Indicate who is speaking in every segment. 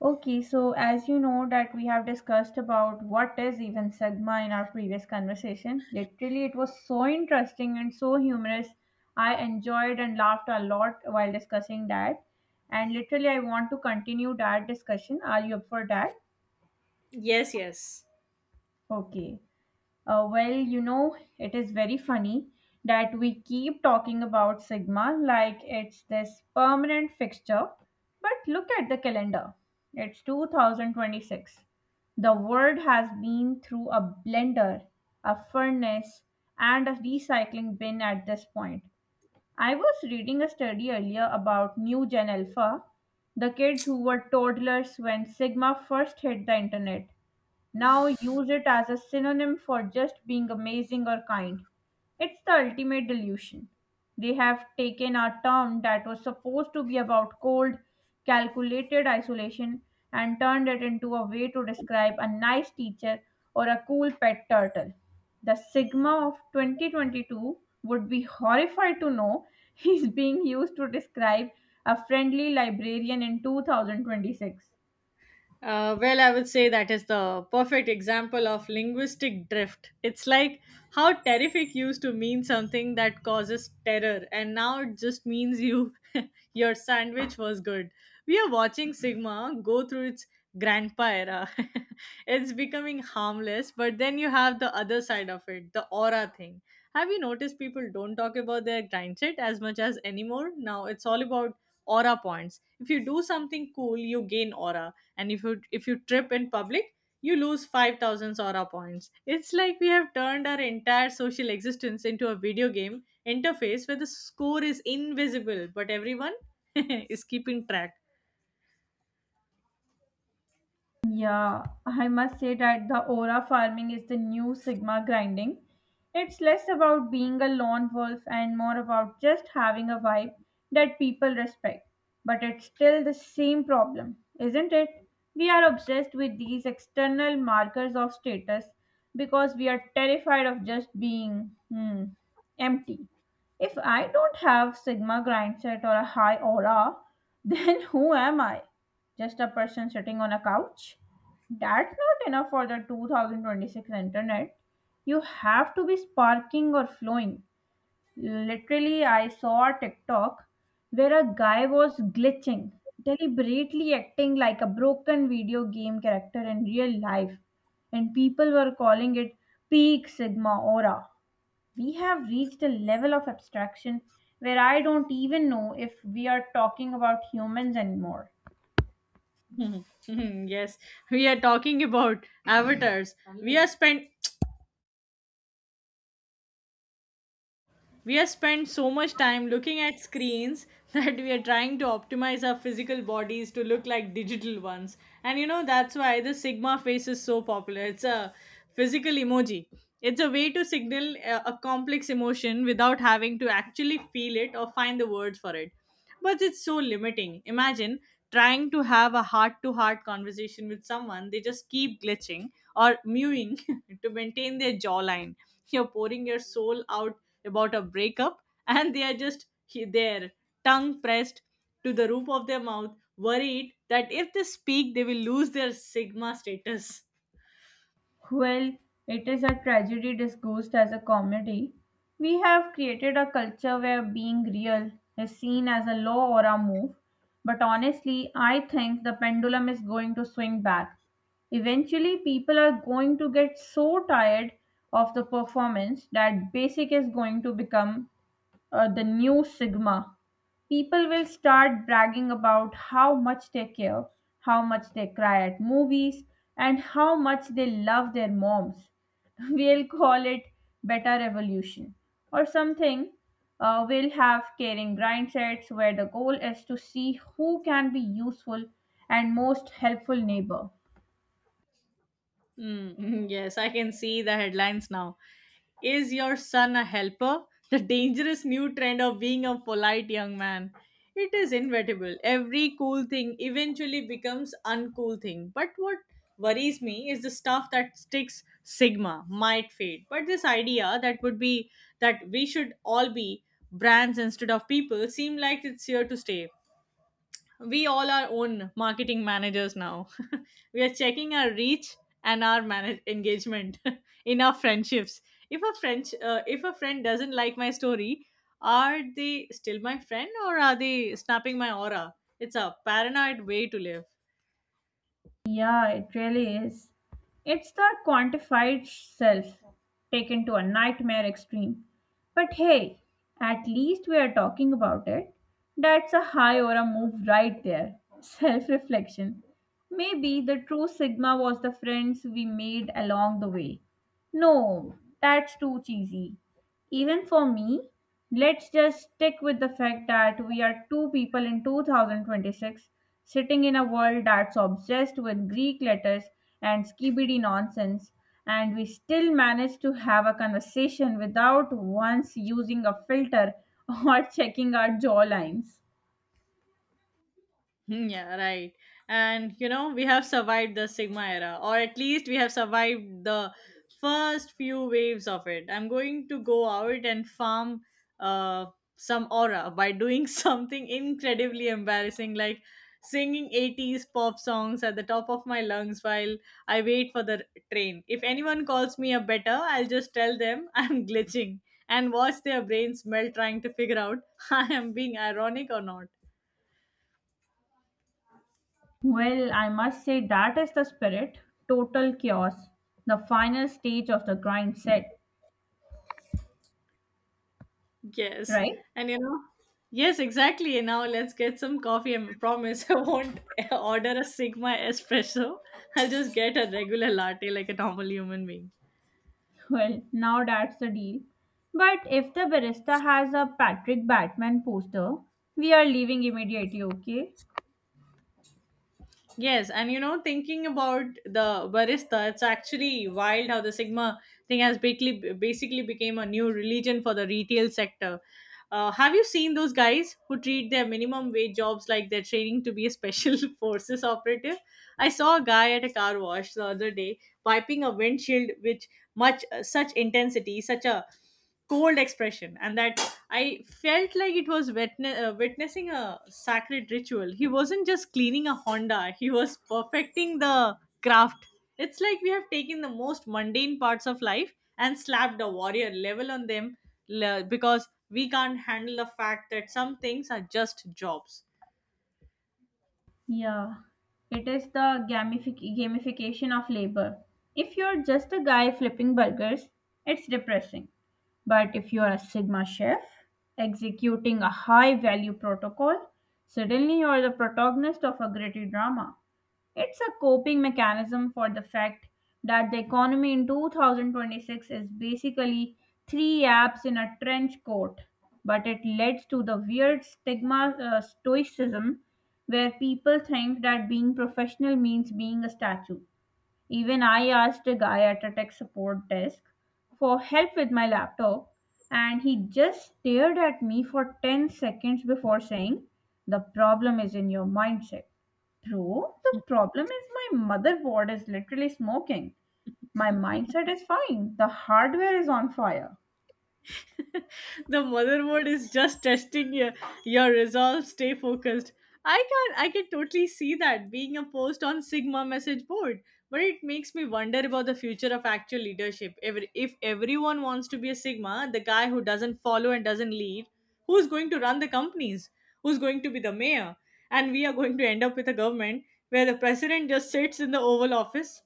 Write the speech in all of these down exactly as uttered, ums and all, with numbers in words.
Speaker 1: Okay, so as you know that we have discussed about what is even Sigma in our previous conversation. Literally, it was so interesting and so humorous. I enjoyed and laughed a lot while discussing that. And literally, I want to continue that discussion. Are you up for that?
Speaker 2: Yes, yes.
Speaker 1: Okay. Uh, well, you know, it is very funny that we keep talking about Sigma like it's this permanent fixture. But look at the calendar. It's two thousand twenty-six. The world has been through a blender, a furnace, and a recycling bin at this point. I was reading a study earlier about new Gen Alpha, the kids who were toddlers when Sigma first hit the internet now use it as a synonym for just being amazing or kind. It's the ultimate delusion. They have taken a term that was supposed to be about cold, calculated isolation and turned it into a way to describe a nice teacher or a cool pet turtle. The Sigma of twenty twenty-two would be horrified to know he's being used to describe a friendly librarian in two thousand twenty-six.
Speaker 2: Uh, well, I would say that is the perfect example of linguistic drift. It's like how terrific used to mean something that causes terror, and now it just means you, your sandwich was good. We are watching Sigma go through its grandpa era. It's becoming harmless, but then you have the other side of it, the aura thing. Have you noticed people don't talk about their grindset as much as anymore? Now it's all about aura points. If you do something cool, you gain aura, and if you if you trip in public, you lose five thousand sora points. It's like we have turned our entire social existence into a video game interface where the score is invisible but everyone is keeping track.
Speaker 1: Yeah, I must say that the aura farming is the new Sigma grinding. It's less about being a lone wolf and more about just having a vibe that people respect. But it's still the same problem, isn't it? We are obsessed with these external markers of status because we are terrified of just being hmm, empty. If I don't have Sigma grind set or a high aura, then who am I? Just a person sitting on a couch? That's not enough for the two thousand twenty-six internet. You have to be sparking or flowing. Literally, I saw a TikTok where a guy was glitching, deliberately acting like a broken video game character in real life, and people were calling it peak sigma aura. We have reached a level of abstraction where I don't even know if we are talking about humans anymore.
Speaker 2: Mhm, yes, we are talking about avatars. we are spent We have spent so much time looking at screens that we are trying to optimize our physical bodies to look like digital ones. And you know, that's why the Sigma face is so popular. It's a physical emoji. It's a way to signal a, a complex emotion without having to actually feel it or find the words for it. But it's so limiting. Imagine trying to have a heart to heart conversation with someone, they just keep glitching or mewing to maintain their jawline. You're pouring your soul out about a breakup, and they are just he- there, tongue pressed to the roof of their mouth, worried that if they speak, they will lose their sigma status.
Speaker 1: Well, it is a tragedy disguised as a comedy. We have created a culture where being real is seen as a law or a move. But honestly, I think the pendulum is going to swing back. Eventually, people are going to get so tired of the performance that basic is going to become uh, the new Sigma. People will start bragging about how much they care, how much they cry at movies, and how much they love their moms. We'll call it Beta Revolution or something. Uh, we'll have caring grind sets where the goal is to see who can be useful and most helpful neighbor.
Speaker 2: Mm, yes, I can see the headlines now. Is your son a helper? The dangerous new trend of being a polite young man. It is inevitable. Every cool thing eventually becomes uncool thing. But what worries me is the stuff that sticks. Sigma might fade, but this idea that would be that we should all be brands instead of people seem like it's here to stay. We all are own marketing managers now. We are checking our reach and our manage- engagement in our friendships. If a French, uh, if a friend doesn't like my story, are they still my friend or are they snapping my aura? It's a paranoid way to live.
Speaker 1: Yeah, it really is. It's the quantified self taken to a nightmare extreme. But hey, at least we are talking about it. That's a high or a move right there. Self reflection. Maybe the true Sigma was the friends we made along the way. No, that's too cheesy. Even for me, let's just stick with the fact that we are two people in two thousand twenty-six sitting in a world that's obsessed with Greek letters and skibidi nonsense, and we still manage to have a conversation without once using a filter or checking our jawlines.
Speaker 2: Hmm, yeah, right. And you know, we have survived the Sigma era, or at least we have survived the first few waves of it. I'm going to go out and farm uh, some aura by doing something incredibly embarrassing, like singing eighties pop songs at the top of my lungs while I wait for the train. If anyone calls me a better, I'll just tell them I'm glitching and watch their brains melt trying to figure out I am being ironic or not.
Speaker 1: Well, I must say that is the spirit, total chaos, the final stage of the grind set,
Speaker 2: Yes.
Speaker 1: right?
Speaker 2: And you know, yes, exactly. Now let's get some coffee. I promise I won't order a Sigma espresso. I'll just get a regular latte like a normal human being.
Speaker 1: Well, now that's the deal. But if the barista has a Patrick Batman poster, we are leaving immediately, okay?
Speaker 2: Yes, and you know, thinking about the barista, it's actually wild how the Sigma thing has basically basically became a new religion for the retail sector. Uh, have you seen those guys who treat their minimum wage jobs like they're training to be a special forces operative? I saw a guy at a car wash the other day wiping a windshield with much such intensity, such a cold expression. And that I felt like it was witne- uh, witnessing a sacred ritual. He wasn't just cleaning a Honda, he was perfecting the craft. It's like we have taken the most mundane parts of life and slapped a warrior level on them, le- because we can't handle the fact that some things are just jobs.
Speaker 1: Yeah, it is the gamific- gamification of labor. If you're just a guy flipping burgers, it's depressing. But if you're a Sigma chef executing a high value protocol, suddenly you're the protagonist of a gritty drama. It's a coping mechanism for the fact that the economy in two thousand twenty-six is basically three apps in a trench coat. But it leads to the weird stigma uh, stoicism where people think that being professional means being a statue. Even I asked a guy at a tech support desk for help with my laptop, and he just stared at me for ten seconds before saying, "The problem is in your mindset." Bro, the problem is my motherboard is literally smoking. My mindset is fine. The hardware is on fire.
Speaker 2: The motherboard is just testing your, your resolve. Stay focused. I can i can totally see that being a post on sigma message board. But it makes me wonder about the future of actual leadership. Every, if everyone wants to be a sigma, the guy who doesn't follow and doesn't lead, who's going to run the companies? Who's going to be the mayor? And we are going to end up with a government where the president just sits in the oval office,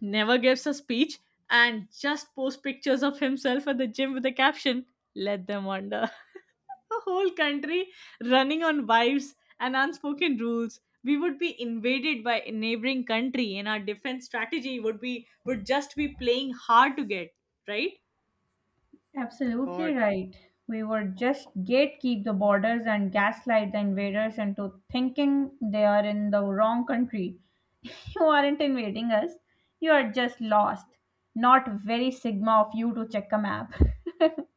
Speaker 2: never gives a speech, and just posts pictures of himself at the gym with the caption, "Let them wonder." A whole country running on vibes and unspoken rules. We would be invaded by a neighboring country and our defense strategy would be would just be playing hard to get, right?
Speaker 1: Absolutely
Speaker 2: God.
Speaker 1: right. We were just gatekeep the borders and gaslight the invaders into thinking they are in the wrong country. You aren't invading us. You are just lost. Not very sigma of you to check a map.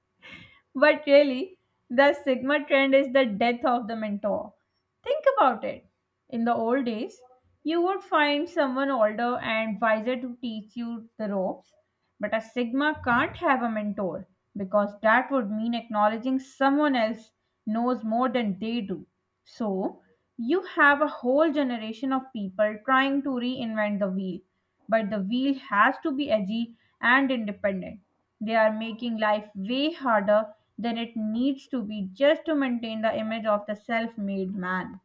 Speaker 1: But really, the Sigma trend is the death of the mentor. Think about it. In the old days, you would find someone older and wiser to teach you the ropes, but a Sigma can't have a mentor because that would mean acknowledging someone else knows more than they do. So, you have a whole generation of people trying to reinvent the wheel. But the wheel has to be edgy and independent. They are making life way harder than it needs to be just to maintain the image of the self made man.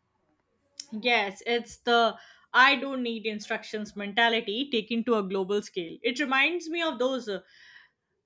Speaker 2: Yes, it's the "I don't need instructions" mentality taken to a global scale. It reminds me of those uh,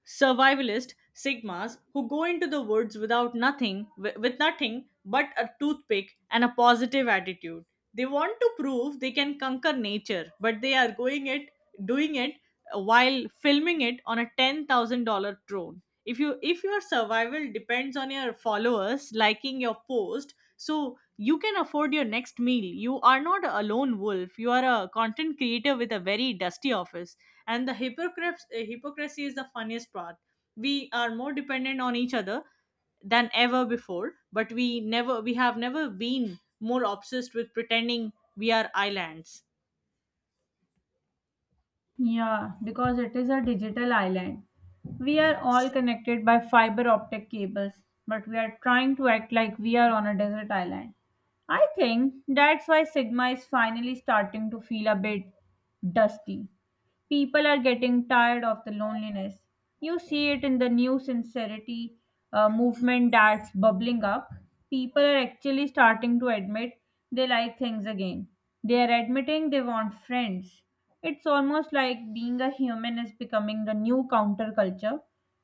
Speaker 2: survivalist sigmas who go into the woods without nothing wi- with nothing but a toothpick and a positive attitude. They want to prove they can conquer nature, but they are going it doing it while filming it on a ten thousand dollars drone. If you if your survival depends on your followers liking your post so you can afford your next meal, you are not a lone wolf, you are a content creator with a very dusty office. And the hypocrites, uh, hypocrisy is the funniest part. We are more dependent on each other than ever before, but we never we have never been more obsessed with pretending we are islands.
Speaker 1: Yeah, because it is a digital island. We are
Speaker 2: Yes.
Speaker 1: all connected by fiber optic cables, but we are trying to act like we are on a desert island. I think that's why Sigma is finally starting to feel a bit dusty. People are getting tired of the loneliness. You see it in the new sincerity uh, movement that's bubbling up. People are actually starting to admit they like things again. They are admitting they want friends. It's almost like being a human is becoming the new counterculture.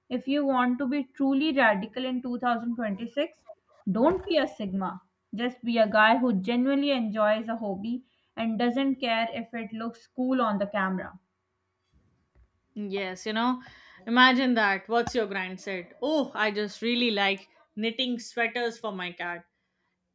Speaker 1: If you want to be truly radical in two thousand twenty-six, don't be a Sigma. Just be a guy who genuinely enjoys a hobby and doesn't care if it looks cool on the camera.
Speaker 2: Yes, you know, imagine that. What's your grind said? Oh, I just really like knitting sweaters for my cat.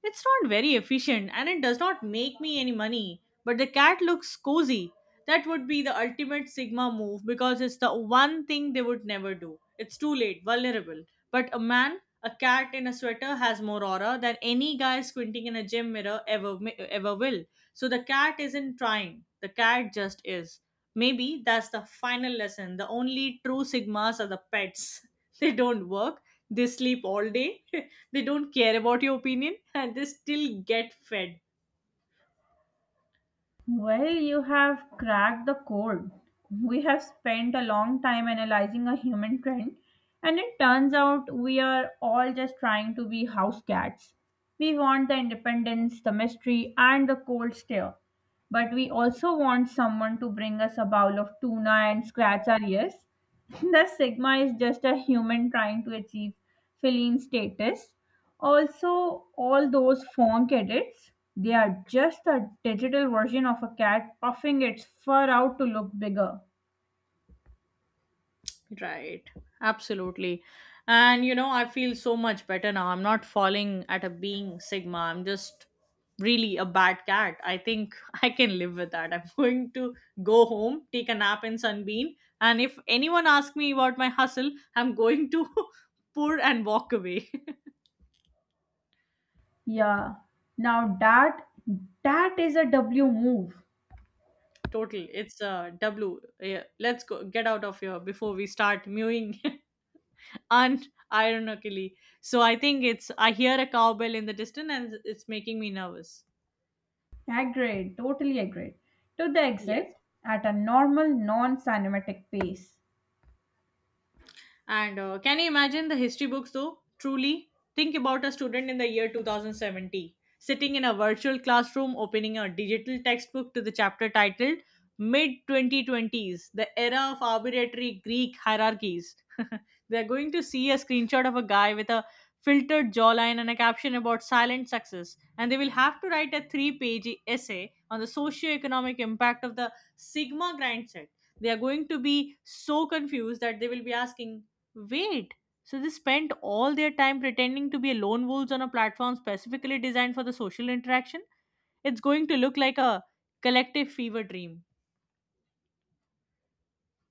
Speaker 2: It's not very efficient and it does not make me any money, but the cat looks cozy. That would be the ultimate Sigma move because it's the one thing they would never do. It's too late, vulnerable. But a man, a cat in a sweater has more aura than any guy squinting in a gym mirror ever ever will. So the cat isn't trying. The cat just is. Maybe that's the final lesson. The only true Sigmas are the pets. They don't work, they sleep all day, they don't care about your opinion, and they still get fed.
Speaker 1: Well, you have cracked the code. We have spent a long time analyzing a human trend, and it turns out we are all just trying to be house cats. We want the independence, the mystery, and the cold stare. But we also want someone to bring us a bowl of tuna and scratch our ears. The Sigma is just a human trying to achieve feline status. Also, all those phone edits, they are just a digital version of a cat puffing its fur out to look bigger.
Speaker 2: Right, absolutely. And you know, I feel so much better now. I'm not falling at a being Sigma. I'm just really a bad cat. I think I can live with that. I'm going to go home, take a nap in Sunbeam, and if anyone asks me about my hustle, I'm going to pour and walk away.
Speaker 1: Yeah. Now that, that is a W move.
Speaker 2: Total. It's uh, W. Yeah, let's go get out of here before we start mewing unironically. So I think it's I hear a cowbell in the distance and it's making me nervous.
Speaker 1: Agreed, totally agreed. To the
Speaker 2: Yes.
Speaker 1: exit at a normal non-cinematic pace.
Speaker 2: And uh, can you imagine the history books though? Truly, think about a student in the year twenty seventy sitting in a virtual classroom opening a digital textbook to the chapter titled "Mid twenty twenties, the era of arbitrary Greek hierarchies." They're going to see a screenshot of a guy with a filtered jawline and a caption about silent success, and they will have to write a three page essay on the socio-economic impact of the Sigma grind set. They are going to be so confused that they will be asking, "Wait, so they spent all their time pretending to be lone wolves on a platform specifically designed for the social interaction?" It's going to look like a collective fever dream.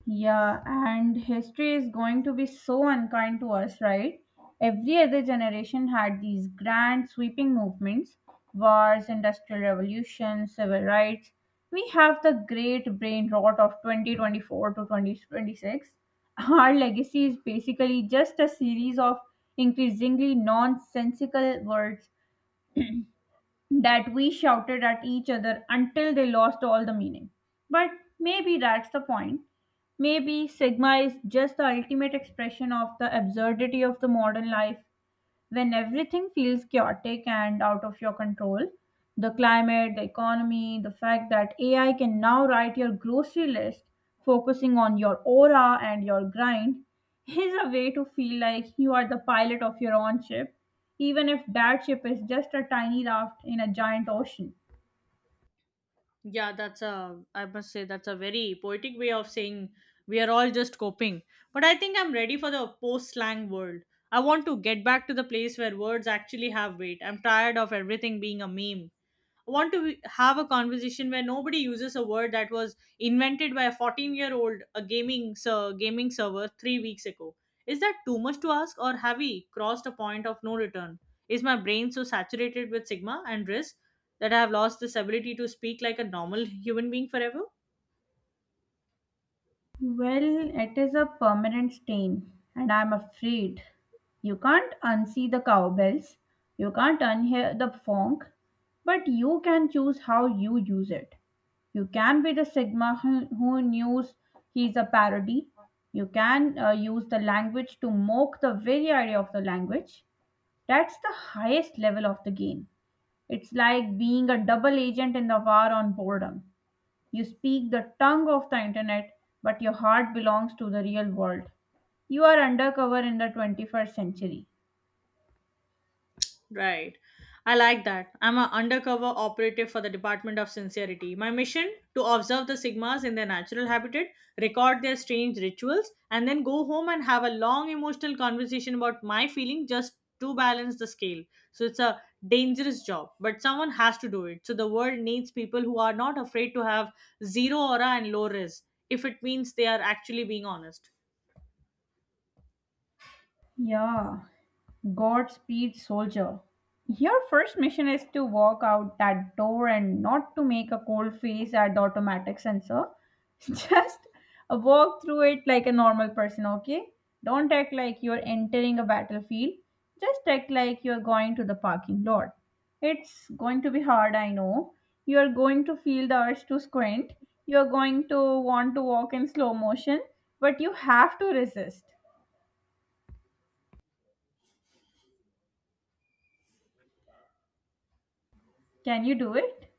Speaker 1: Yeah, and history is going to be so unkind to us, right? Every other generation had these grand sweeping movements, wars, industrial revolution, civil rights. We have the great brain rot of twenty twenty-four to twenty twenty-six. Our legacy is basically just a series of increasingly nonsensical words that we shouted at each other until they lost all the meaning. But maybe that's the point. Maybe Sigma is just the ultimate expression of the absurdity of the modern life. When everything feels chaotic and out of your control, the climate, the economy, the fact that AI can now write your grocery list, focusing on your aura and your grind is a way to feel like you are the pilot of your own ship, even if that ship is just a tiny raft in a giant ocean.
Speaker 2: Yeah, that's a, I must say, that's a very poetic way of saying we are all just coping. But I think I'm ready for the post slang world. I want to get back to the place where words actually have weight. I'm tired of everything being a meme. I want to have a conversation where nobody uses a word that was invented by a fourteen year old, a gaming ser- gaming server three weeks ago. Is that too much to ask, or have we crossed a point of no return? Is my brain so saturated with sigma and risk that I have lost this ability to speak like a normal human being forever?
Speaker 1: Well, it is a permanent stain, and I'm afraid you can't unsee the cowbells, you can't unhear the funk, but you can choose how you use it. You can be the Sigma who, who knows he's a parody. You can uh, use the language to mock the very idea of the language. That's the highest level of the game. It's like being a double agent in the war on boredom. You speak the tongue of the internet, but your heart belongs to the real world. You are undercover in the twenty-first century.
Speaker 2: Right. I like that. I'm an undercover operative for the Department of Sincerity. My mission to observe the Sigmas in their natural habitat, record their strange rituals, and then go home and have a long emotional conversation about my feeling just to balance the scale. So it's a dangerous job, but someone has to do it. So the world needs people who are not afraid to have zero aura and low res if it means they are actually being honest.
Speaker 1: Yeah. Godspeed, soldier. Your first mission is to walk out that door and not to make a cold face at the automatic sensor. Just walk through it like a normal person, okay? Don't act like you're entering a battlefield. Just act like you're going to the parking lot. It's going to be hard, I know. You're going to feel the urge to squint. You're going to want to walk in slow motion, but you have to resist. Can you do it?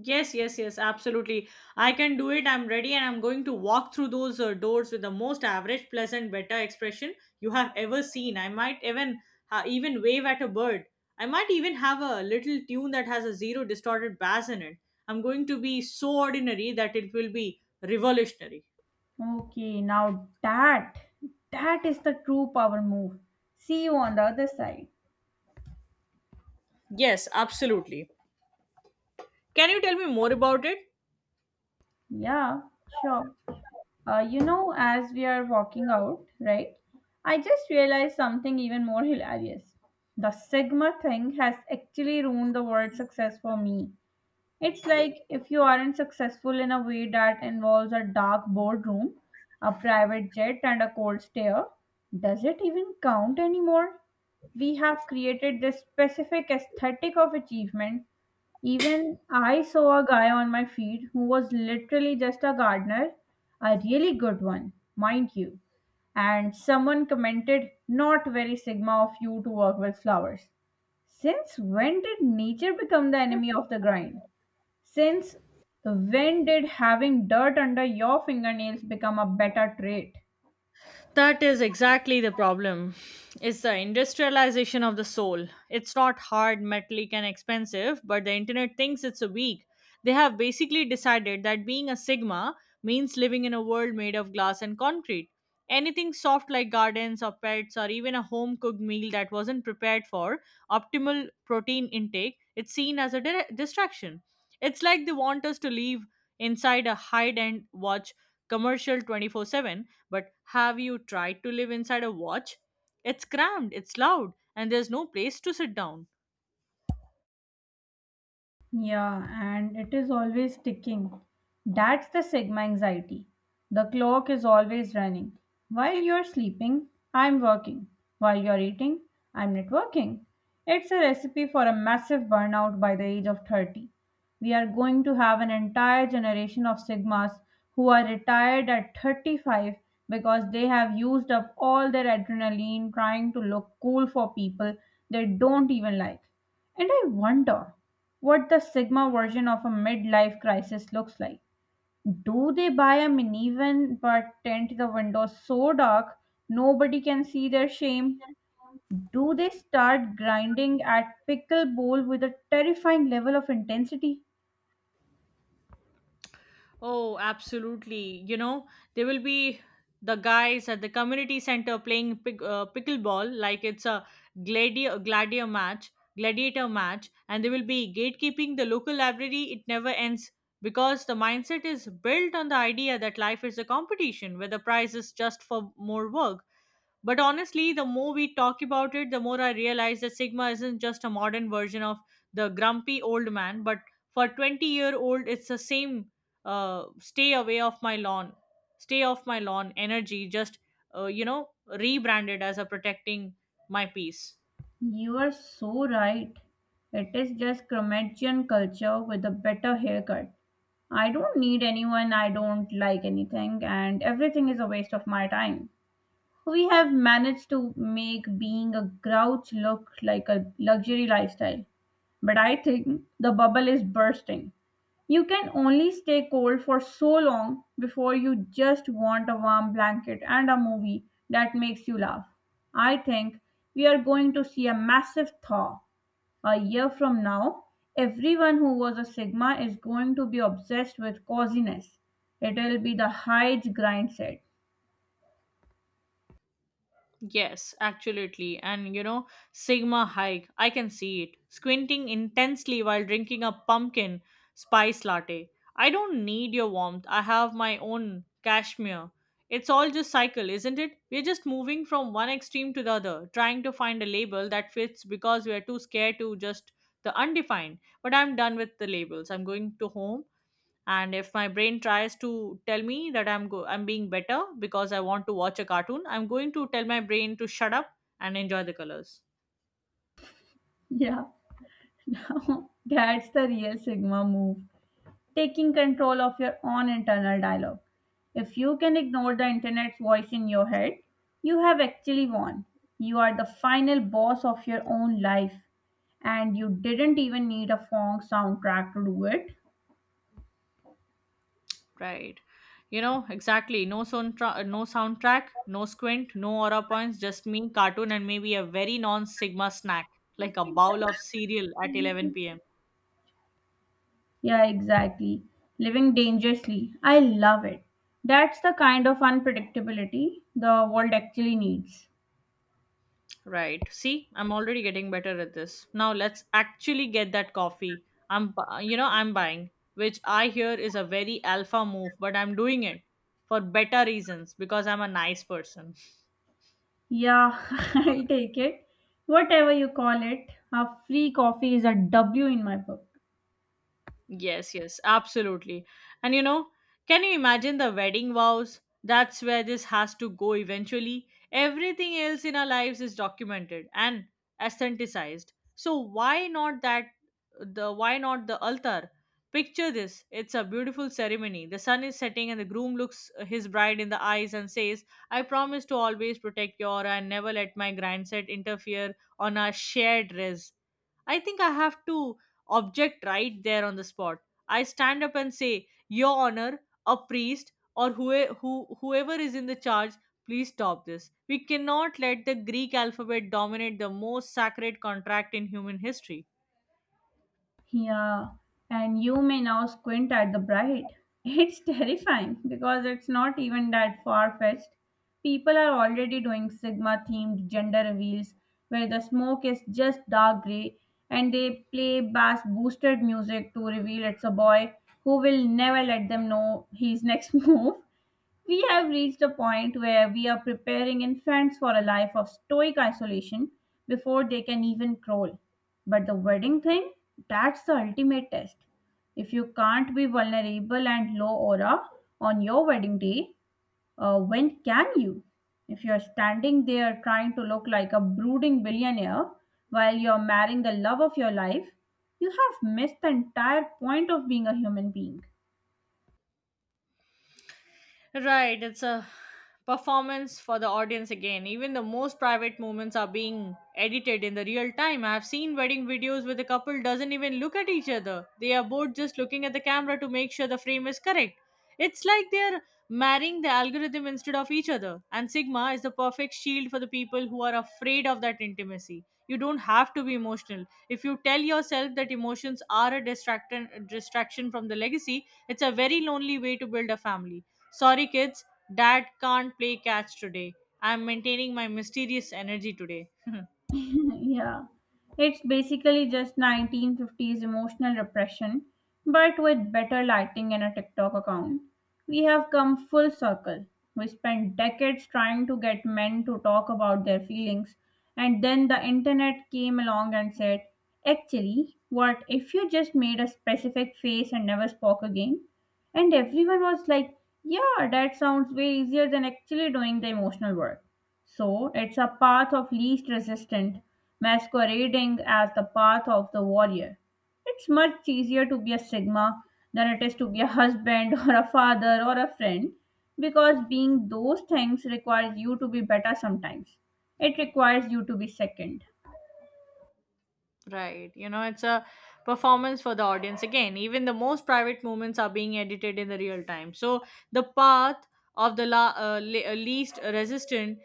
Speaker 2: Yes, yes, yes, absolutely. I can do it. I'm ready and I'm going to walk through those uh, doors with the most average, pleasant, better expression you have ever seen. I might even uh, even wave at a bird. I might even have a little tune that has a zero distorted bass in it. I'm going to be so ordinary that it will be revolutionary.
Speaker 1: Okay, now that, that is the true power move. See you on the other side.
Speaker 2: Yes, absolutely. Can you tell me more about it?
Speaker 1: Yeah, sure. Uh, you know, as we are walking out, right? I just realized something even more hilarious. The Sigma thing has actually ruined the word success for me. It's like if you aren't successful in a way that involves a dark boardroom, a private jet, and a cold stare, does it even count anymore? We have created this specific aesthetic of achievement. Even I saw a guy on my feed who was literally just a gardener, a really good one, mind you. And someone commented, "Not very Sigma of you to work with flowers." Since when did nature become the enemy of the grind? Since when did having dirt under your fingernails become a better trait?
Speaker 2: That is exactly the problem. It's the industrialization of the soul. It's not hard, metallic, and expensive, but the internet thinks it's a weak. They have basically decided that being a Sigma means living in a world made of glass and concrete. Anything soft like gardens or pets or even a home cooked meal that wasn't prepared for optimal protein intake, it's seen as a dire- distraction. It's like they want us to live inside a hide and watch commercial twenty four seven, but have you tried to live inside a watch? It's crammed, it's loud, and there's no place to sit down.
Speaker 1: Yeah, and it is always ticking. That's the Sigma anxiety. The clock is always running. While you're sleeping, I'm working. While you're eating, I'm not working. It's a recipe for a massive burnout by the age of thirty. We are going to have an entire generation of Sigmas who are retired at thirty-five because they have used up all their adrenaline trying to look cool for people they don't even like. And I wonder what the Sigma version of a midlife crisis looks like. Do they buy a minivan but tint the windows so dark nobody can see their shame? Do they start grinding at pickleball with a terrifying level of intensity?
Speaker 2: Oh, absolutely. You know, there will be the guys at the community center playing pick, uh, pickleball like it's a gladiator gladiator match, gladiator match, and they will be gatekeeping the local library. It never ends because the mindset is built on the idea that life is a competition where the prize is just for more work. But honestly, the more we talk about it, the more I realize that Sigma isn't just a modern version of the grumpy old man, but for twenty year old, it's the same uh, stay away off my lawn, stay off my lawn energy, just, uh, you know, rebranded as a protecting my peace.
Speaker 1: You are so right. It is just Croatian culture with a better haircut. I don't need anyone, I don't like anything, and everything is a waste of my time. So, we have managed to make being a grouch look like a luxury lifestyle, but I think the bubble is bursting. You can only stay cold for so long before you just want a warm blanket and a movie that makes you laugh. I think we are going to see a massive thaw. A year from now, everyone who was a Sigma is going to be obsessed with coziness. It will be the Hyde grind set.
Speaker 2: Yes, absolutely. And you know, Sigma hike, I can see it. Squinting intensely while drinking a pumpkin spice latte. I don't need your warmth. I have my own cashmere. It's all just cycle, isn't it? We're just moving from one extreme to the other, trying to find a label that fits because we are too scared to just the undefined. But I'm done with the labels. I'm going to home, and if my brain tries to tell me that i'm go- i'm being better because I want to watch a cartoon, I'm going to tell my brain to shut up and enjoy the colors.
Speaker 1: Yeah. That's the real Sigma move, taking control of your own internal dialogue. If you can ignore the internet's voice in your head, you have actually won. You are the final boss of your own life, and you didn't even need a Fong soundtrack to do it.
Speaker 2: Right, you know exactly. No soundtra- no soundtrack, no squint, no aura points, just me, cartoon, and maybe a very non sigma snack, like a bowl of cereal at eleven p m.
Speaker 1: Yeah, exactly. Living dangerously. I love it. That's the kind of unpredictability the world actually needs.
Speaker 2: Right. See, I'm already getting better at this. Now let's actually get that coffee. I'm, bu- you know, I'm buying, which I hear is a very alpha move, but I'm doing it for better reasons because I'm a nice person.
Speaker 1: Yeah, I take it. Whatever you call it, a free coffee is a W in my book.
Speaker 2: Yes, yes, absolutely. And you know, can you imagine the wedding vows? That's where this has to go eventually. Everything else in our lives is documented and aestheticized. So why not that the why not the altar? Picture this. It's a beautiful ceremony. The sun is setting and the groom looks his bride in the eyes and says, "I promise to always protect your aura and never let my grandson interfere on our shared res." I think I have to object right there on the spot. I stand up and say, "Your Honor, a priest, or whoe- who, whoever is in the charge, please stop this. We cannot let the Greek alphabet dominate the most sacred contract in human history."
Speaker 1: Yeah, and you may now squint at the bride. It's terrifying because it's not even that far fetched. People are already doing Sigma themed gender reveals where the smoke is just dark grey and they play bass boosted music to reveal it's a boy who will never let them know his next move. We have reached a point where we are preparing infants for a life of stoic isolation before they can even crawl. But the wedding thing, that's the ultimate test. If you can't be vulnerable and low aura on your wedding day, uh, when can you? If you're standing there trying to look like a brooding billionaire while you're marrying the love of your life, you have missed the entire point of being a human being.
Speaker 2: Right, it's a performance for the audience again. Even the most private moments are being edited in the real time. I've seen wedding videos where the couple doesn't even look at each other. They are both just looking at the camera to make sure the frame is correct. It's like they're marrying the algorithm instead of each other. And Sigma is the perfect shield for the people who are afraid of that intimacy. You don't have to be emotional. If you tell yourself that emotions are a distraction distraction from the legacy, it's a very lonely way to build a family. Sorry, kids, dad can't play catch today. I'm maintaining my mysterious energy today.
Speaker 1: Yeah. It's basically just nineteen fifties emotional repression, but with better lighting and a TikTok account. We have come full circle. We spent decades trying to get men to talk about their feelings, and then the internet came along and said, "Actually, what if you just made a specific face and never spoke again?" And everyone was like, "Yeah, that sounds way easier than actually doing the emotional work." So it's a path of least resistance, masquerading as the path of the warrior. It's much easier to be a Sigma than it is to be a husband or a father or a friend, because being those things requires you to be better sometimes. It requires you to be second.
Speaker 2: Right. You know, it's a performance for the audience. Again, even the most private moments are being edited in the real time. So the path of the la- uh, le- uh, least resistant,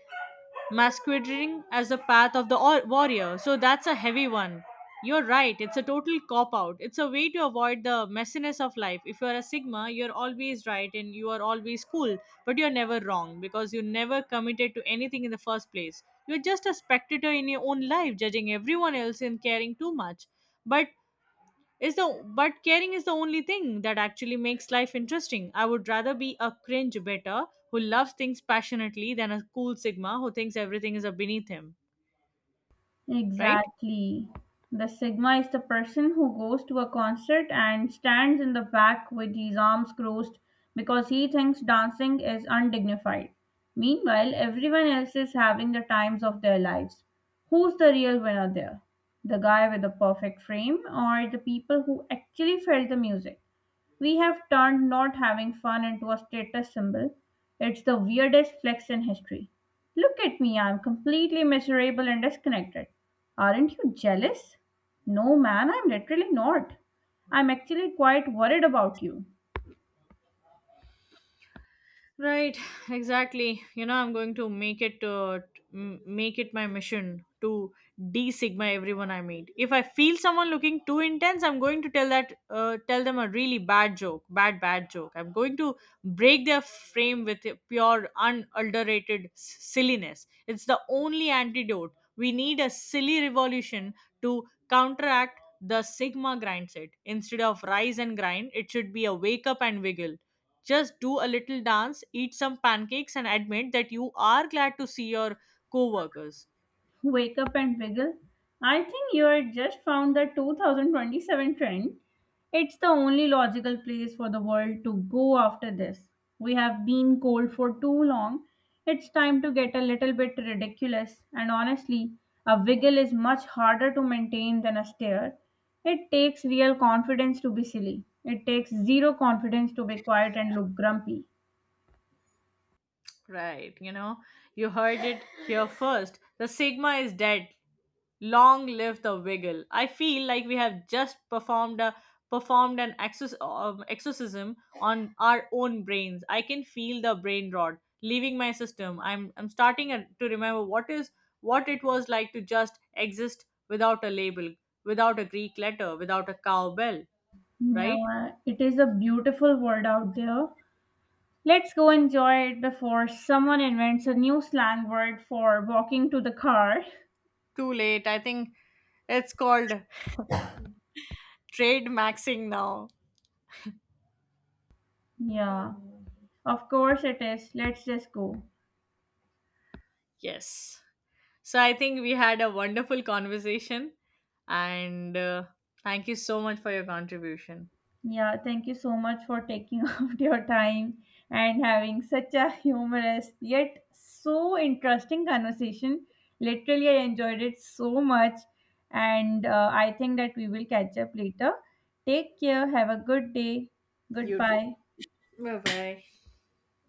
Speaker 2: masquerading as the path of the or- warrior. So that's a heavy one. You're right. It's a total cop out. It's a way to avoid the messiness of life. If you're a Sigma, you're always right and you are always cool. But you're never wrong because you never committed to anything in the first place. You're just a spectator in your own life, judging everyone else and caring too much. But is the but caring is the only thing that actually makes life interesting. I would rather be a cringe better who loves things passionately than a cool sigma who thinks everything is beneath him, right?
Speaker 1: Exactly. The Sigma is the person who goes to a concert and stands in the back with his arms crossed because he thinks dancing is undignified. Meanwhile, everyone else is having the times of their lives. Who's the real winner there? The guy with the perfect frame or the people who actually felt the music? We have turned not having fun into a status symbol. It's the weirdest flex in history. Look at me, I'm completely miserable and disconnected. Aren't you jealous? No, man, I'm literally not. I'm actually quite worried about you.
Speaker 2: Right, exactly. You know, I'm going to make it uh, t- m- make it my mission to de sigma everyone I meet. If I feel someone looking too intense, I'm going to tell that uh, tell them a really bad joke, bad bad joke. I'm going to break their frame with a pure unadulterated s- silliness. It's the only antidote. We need a silly revolution to counteract the sigma grind set. Instead of rise and grind, it should be a wake up and wiggle, just do a little dance, eat some pancakes, and admit that you are glad to see your coworkers.
Speaker 1: Wake up and wiggle. I think you are just found the twenty twenty-seven trend. It's the only logical place for the world to go after this. We have been cold for too long. It's time to get a little bit ridiculous. And honestly, a wiggle is much harder to maintain than a stare. It takes real confidence to be silly. It takes zero confidence to be quiet and look grumpy.
Speaker 2: Right. You know, you heard it here first. The Sigma is dead. Long live the Wiggle. I feel like we have just performed a performed an exor- um, exorcism on our own brains. I can feel the brain rot leaving my system. I'm I'm starting a- to remember what is what it was like to just exist without a label, without a Greek letter, without a cowbell. Right?
Speaker 1: Yeah, it is a beautiful world out there. Let's go enjoy it before someone invents a new slang word for walking to the car.
Speaker 2: Too late. I think it's called trade maxing now.
Speaker 1: Yeah, of course it is. Let's just go.
Speaker 2: Yes. So I think we had a wonderful conversation, and uh, thank you so much for your contribution.
Speaker 1: Yeah, thank you so much for taking out your time and having such a humorous yet so interesting conversation. Literally, I enjoyed it so much, and uh, I think that we will catch up later. Take care. Have a good day.
Speaker 2: You too.
Speaker 1: Goodbye.
Speaker 2: Bye bye.